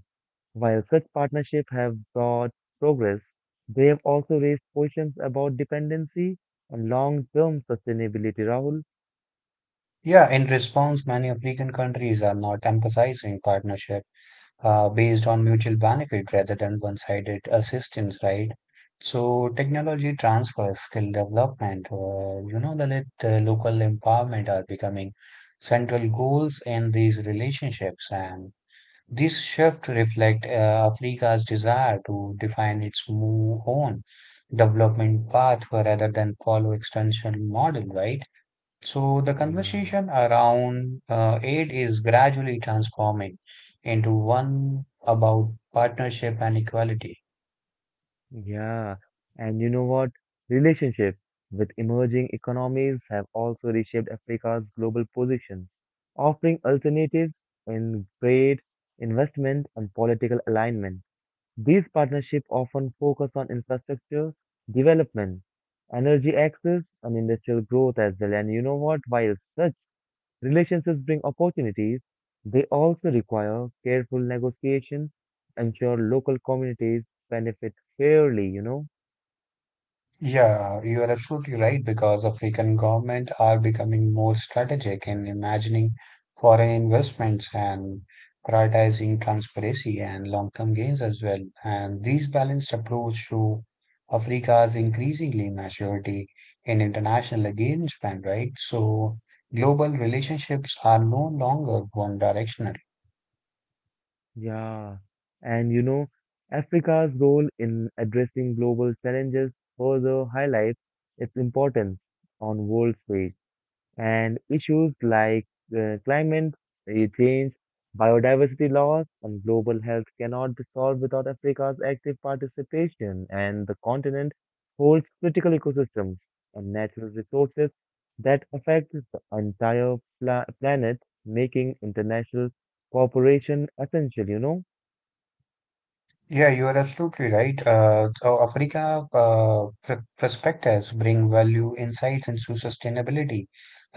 S1: While such partnerships have brought progress, they have also raised questions about dependency and long-term sustainability, Rahul.
S2: Yeah, in response, many African countries are not emphasizing partnership based on mutual benefit rather than one-sided assistance, right? So technology transfer, skill development, you know, the local empowerment are becoming central goals in these relationships, and this shift reflects Africa's desire to define its own development path rather than follow external model, right? So the
S1: Yeah,
S2: conversation around aid is gradually transforming into one about partnership and equality.
S1: yeah. And you know what? Relationships with emerging economies have also reshaped Africa's global position, offering alternatives in trade, investment, and political alignment. These partnerships often focus on infrastructure development, energy access, and industrial growth as well. And you know what? While such relationships bring opportunities, they also require careful negotiation, ensure local communities benefit fairly.
S2: Yeah, you are absolutely right because African government are becoming more strategic in imagining foreign investments and prioritizing transparency and long-term gains as well. And this balanced approach to Africa's increasingly maturity in international engagement, right? So global relationships are no longer one directional.
S1: Yeah. And you know, Africa's role in addressing global challenges further highlights its importance on world stage. And issues like climate change, biodiversity loss, and global health cannot be solved without Africa's active participation, and the continent holds critical ecosystems and natural resources that affect the entire planet, making international cooperation essential.
S2: Yeah, you are absolutely right. So Africa pr perspectives bring value insights into sustainability,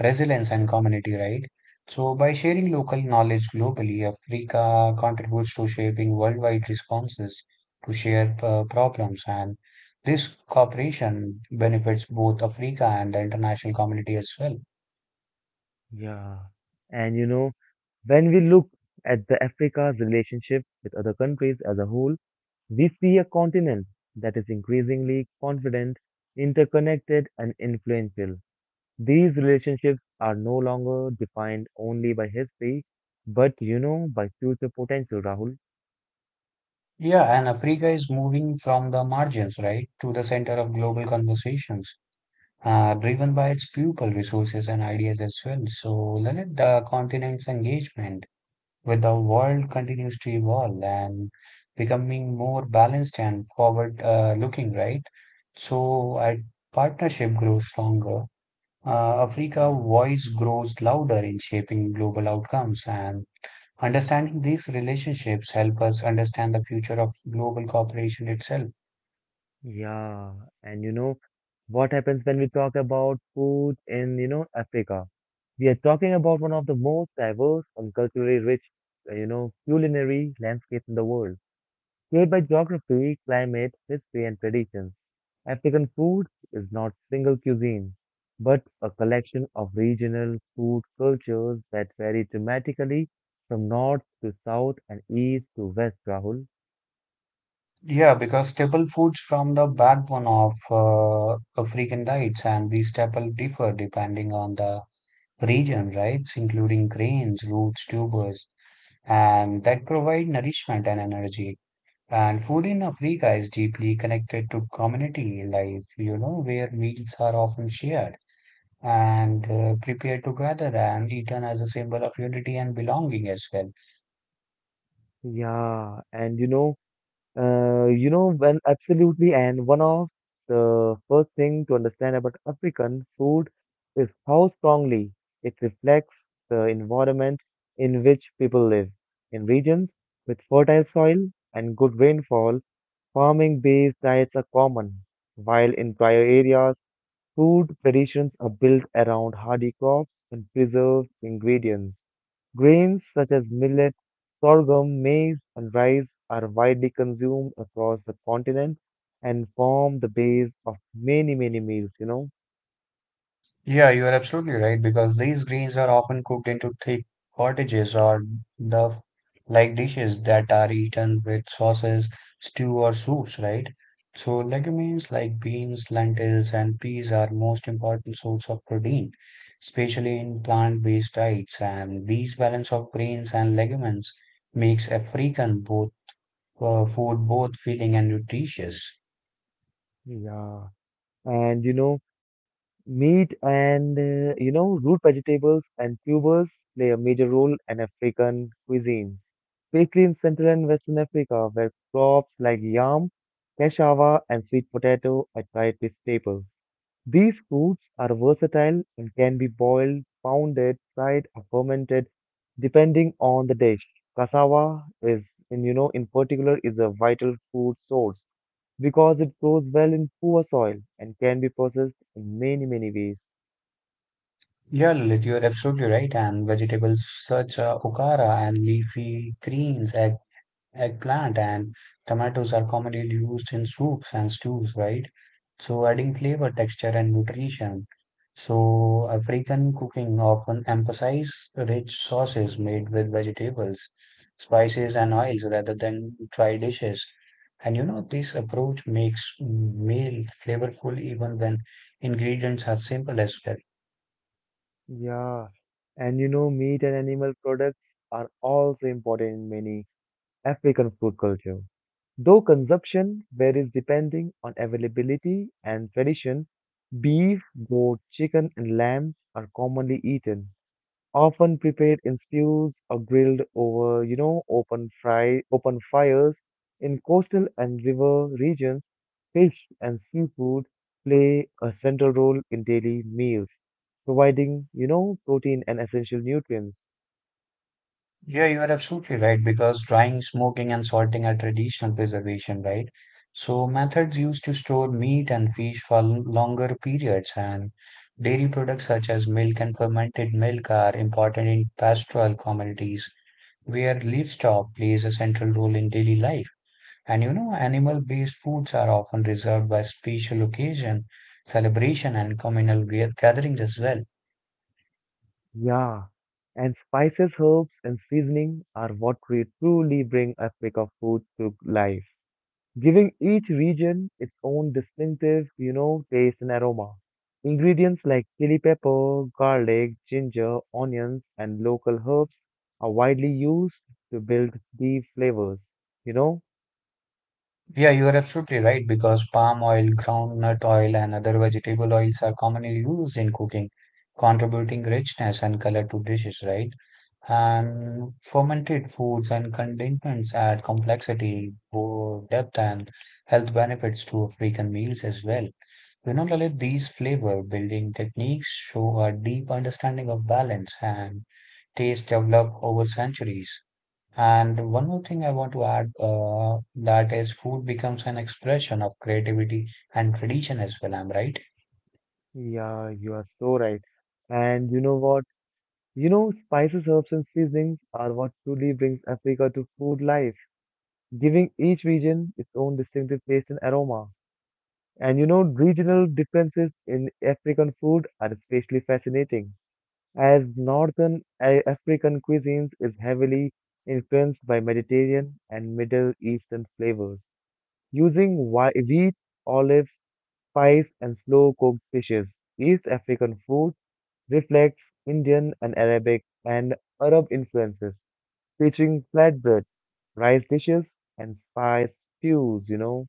S2: resilience, and community, right? So by sharing local knowledge globally, Africa contributes to shaping worldwide responses to shared problems, and this cooperation benefits both Africa and the international community as well.
S1: Yeah. And you know, when we look at the Africa's relationship with other countries as a whole, we see a continent that is increasingly confident, interconnected, and influential. These relationships are no longer defined only by history, but by future potential, Rahul.
S2: Yeah, and Africa is moving from the margins, right, to the center of global conversations driven by its people resources and ideas as well. So, Lalit, the continent's engagement with the world continues to evolve and becoming more balanced and forward looking, right? So, our partnership grows stronger. Africa
S1: Yeah.
S2: voice grows louder in shaping global outcomes and understanding these relationships help us understand the future of global cooperation itself.
S1: Yeah, and you know what happens when we talk about food in, Africa? We are talking about one of the most diverse and culturally rich, culinary landscapes in the world, shaped by geography, climate, history, and traditions. African food is not single cuisine, but a collection of regional food cultures that vary dramatically from north to south and east to west, Rahul.
S2: Yeah, because staple foods from the backbone of African diets and these staple differ depending on the region, right? Including grains, roots, tubers, and that provide nourishment and energy. And food in Africa is deeply connected to community life, you know, where meals are often shared and prepared together and eaten as a symbol of unity and belonging as well.
S1: Yeah, and when absolutely, and one of the first thing to understand about African food is how strongly it reflects the environment in which people live. In regions with fertile soil and good rainfall, farming-based diets are common, while in drier areas, food traditions are built around hardy crops and preserved ingredients. Grains such as millet, sorghum, maize, and rice are widely consumed across the continent and form the base of many, many meals.
S2: Yeah, you are absolutely right because these greens are often cooked into thick potages or duff like dishes that are eaten with sauces, stew, or soups, right? So, legumes like beans, lentils, and peas are most important source of protein, especially in plant-based diets. And these balance of grains and legumes makes African both, food both filling and nutritious.
S1: Yeah. And, meat and, root vegetables and tubers play a major role in African cuisine, especially in Central and Western Africa, where crops like yam, cassava, and sweet potato are dietary staples. These foods are versatile and can be boiled, pounded, fried, or fermented, depending on the dish. Cassava is, in, you know, in particular, is a vital food source because it grows well in poor soil and can be processed in many, many ways.
S2: Yeah, Lilith, you're absolutely right. And vegetables such okara and leafy greens, egg, eggplant, and tomatoes are commonly used in soups and stews, right? So, adding flavor, texture, and nutrition. So, African cooking often emphasizes rich sauces made with vegetables, spices, and oils rather than dry dishes. And you know, this approach makes meal flavorful even when ingredients are simple as well.
S1: Yeah, and you know, meat and animal products are also important in many African food culture. Though consumption varies depending on availability and tradition, beef, goat, chicken, and lambs are commonly eaten, often prepared in stews or grilled over, open fires. In coastal and river regions, fish and seafood play a central role in daily meals, providing, protein and essential nutrients.
S2: Yeah, you are absolutely right because drying, smoking, and salting are traditional preservation, right? So, methods used to store meat and fish for longer periods, and dairy products such as milk and fermented milk are important in pastoral communities where livestock plays a central role in daily life. And you know, animal-based foods are often reserved by special occasion, celebration, and communal gatherings as well.
S1: Yeah, and spices, herbs, and seasoning are what truly bring a pick of food to life, giving each region its own distinctive, taste and aroma. Ingredients like chili pepper, garlic, ginger, onions, and local herbs are widely used to build deep flavors. You know?
S2: Yeah, you are absolutely right because palm oil, groundnut oil, and other vegetable oils are commonly used in cooking, contributing richness and color to dishes, right? And fermented foods and condiments add complexity, depth, and health benefits to African meals as well. You know, Lalit, these flavor building techniques show a deep understanding of balance and taste developed over centuries. And one more thing I want to add that is food becomes an expression of creativity and tradition as well. I'm right.
S1: Yeah, you are so right. And you know what? You know, spices, herbs, and seasonings are what truly brings Africa to food life giving each region its own distinctive taste and aroma. And you know, regional differences in African food are especially fascinating, as African cuisines is heavily influenced by Mediterranean and Middle Eastern flavors, using wheat, olives, spice, and slow cooked dishes. East African food reflects Indian and Arabic and Arab influences, featuring flatbread, rice dishes, and spice stews.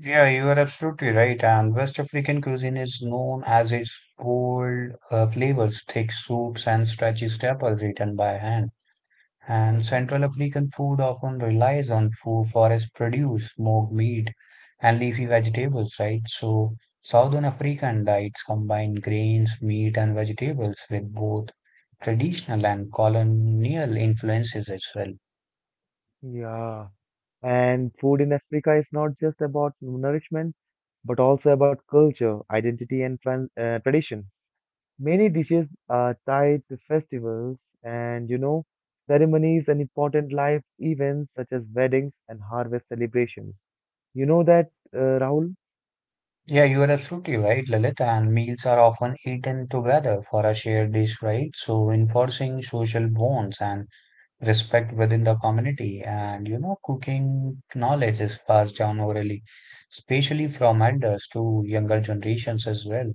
S2: Yeah, you are absolutely right. And West African cuisine is known as its bold flavors, thick soups, and stretchy staples eaten by hand. And Central African food often relies on food, forest produce, smoked meat, and leafy vegetables, right? So, Southern African diets combine grains, meat, and vegetables with both traditional and colonial influences as well.
S1: Yeah, and food in Africa is not just about nourishment, but also about culture, identity, and tran tradition. Many dishes are tied to festivals and, ceremonies and important life events such as weddings and harvest celebrations. You know that, Rahul?
S2: Yeah, you are absolutely right, Lalit. And meals are often eaten together for a shared dish, right? So, enforcing social bonds and respect within the community, and you know cooking knowledge is passed down orally, especially from elders to younger generations as well.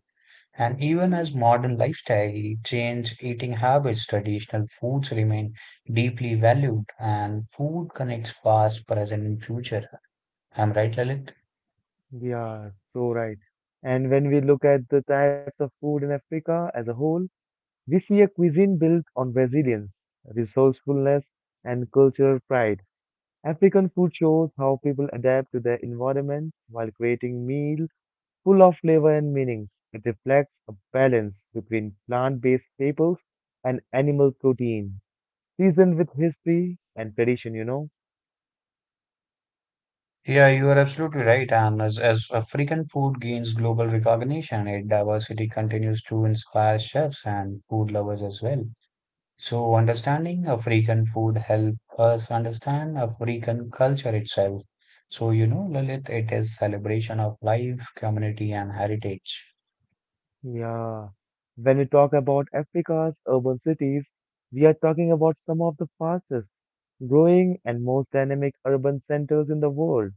S2: And even as modern lifestyle change eating habits, traditional foods remain deeply valued, and food connects past, present, and future. I'm right, Lalit.
S1: Yeah, so right. And when we look at the types of food in Africa as a whole, we see a cuisine built on resilience, resourcefulness, and cultural pride. African food shows how people adapt to their environment while creating meals full of flavor and meanings. It reflects a balance between plant-based staples and animal protein, seasoned with history and tradition.
S2: Yeah, you are absolutely right. And as african food gains global recognition, its diversity continues to inspire chefs and food lovers as well. So understanding African food help us understand African culture itself. So you know, Lalit, it is celebration of life, community, and heritage.
S1: Yeah. When we talk about Africa's urban cities, we are talking about some of the fastest growing and most dynamic urban centers in the world,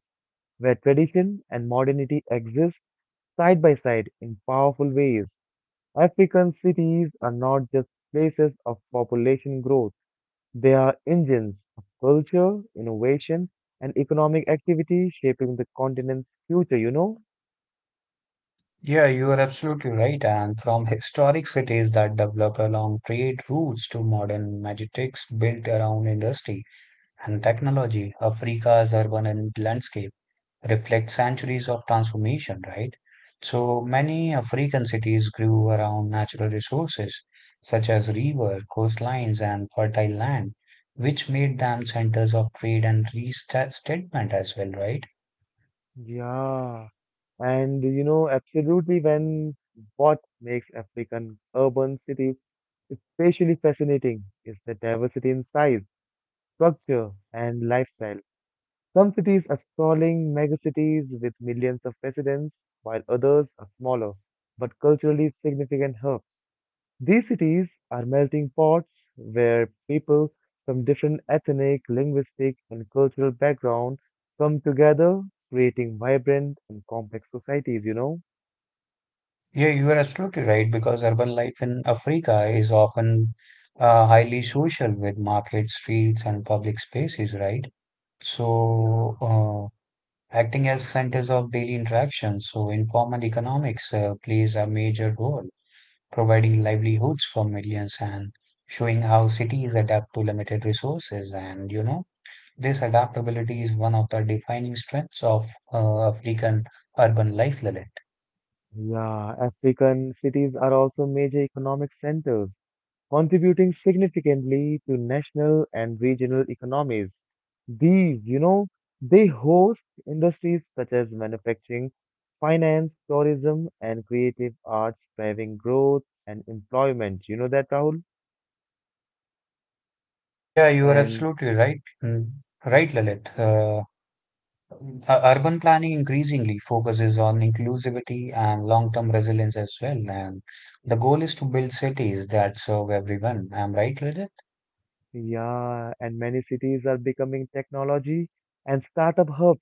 S1: where tradition and modernity exist side by side in powerful ways. African cities are not just places of population growth, they are engines of culture, innovation, and economic activity shaping the continent's future.
S2: Yeah, you are absolutely right. And from historic cities that developed along trade routes to modern magistics built around industry and technology, Africa's urban and landscape reflect centuries of transformation, right? So many African cities grew around natural resources such as river, coastlines, and fertile land, which made them centers of trade and restatement as well, right?
S1: Yeah, and you know, absolutely, when what makes African urban cities especially fascinating is the diversity in size, structure, and lifestyle. Some cities are sprawling megacities with millions of residents, while others are smaller but culturally significant hubs. These cities are melting pots where people from different ethnic, linguistic, and cultural backgrounds come together, creating vibrant and complex societies.
S2: Yeah, you are absolutely right because urban life in Africa is often highly social with markets, streets, and public spaces, right?
S1: Yeah.
S2: So, acting as centers of daily interaction. So, informal economics plays a major role, providing livelihoods for millions and showing how cities adapt to limited resources. And, you know, this adaptability is one of the defining strengths of African urban life, Lalit.
S1: Yeah, African cities are also major economic centers, contributing significantly to national and regional economies. These, they host industries such as manufacturing, finance, tourism, and creative arts, driving growth and employment. You know that, Rahul?
S2: Yeah, you are
S1: And
S2: absolutely right. Mm. Right, Lalit.
S1: yeah,
S2: Urban planning increasingly focuses on inclusivity and long-term resilience as well. And the goal is to build cities that serve everyone. Am I right, Rajat?
S1: yeah, and many cities are becoming technology and startup hubs,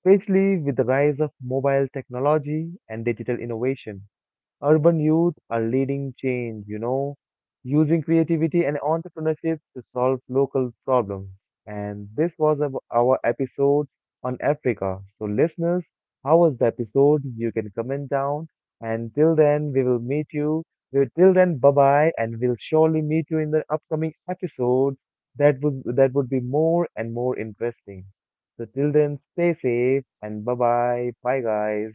S1: especially with the rise of mobile technology and digital innovation. Urban youth are leading change, using creativity and entrepreneurship to solve local problems. And this was our episode on Africa. So, listeners, how was the episode? You can comment down. And till then, we will meet you. Well, till then, bye bye, and we'll surely meet you in the upcoming episode. That would be more and more interesting. So till then, stay safe and bye bye. Bye guys.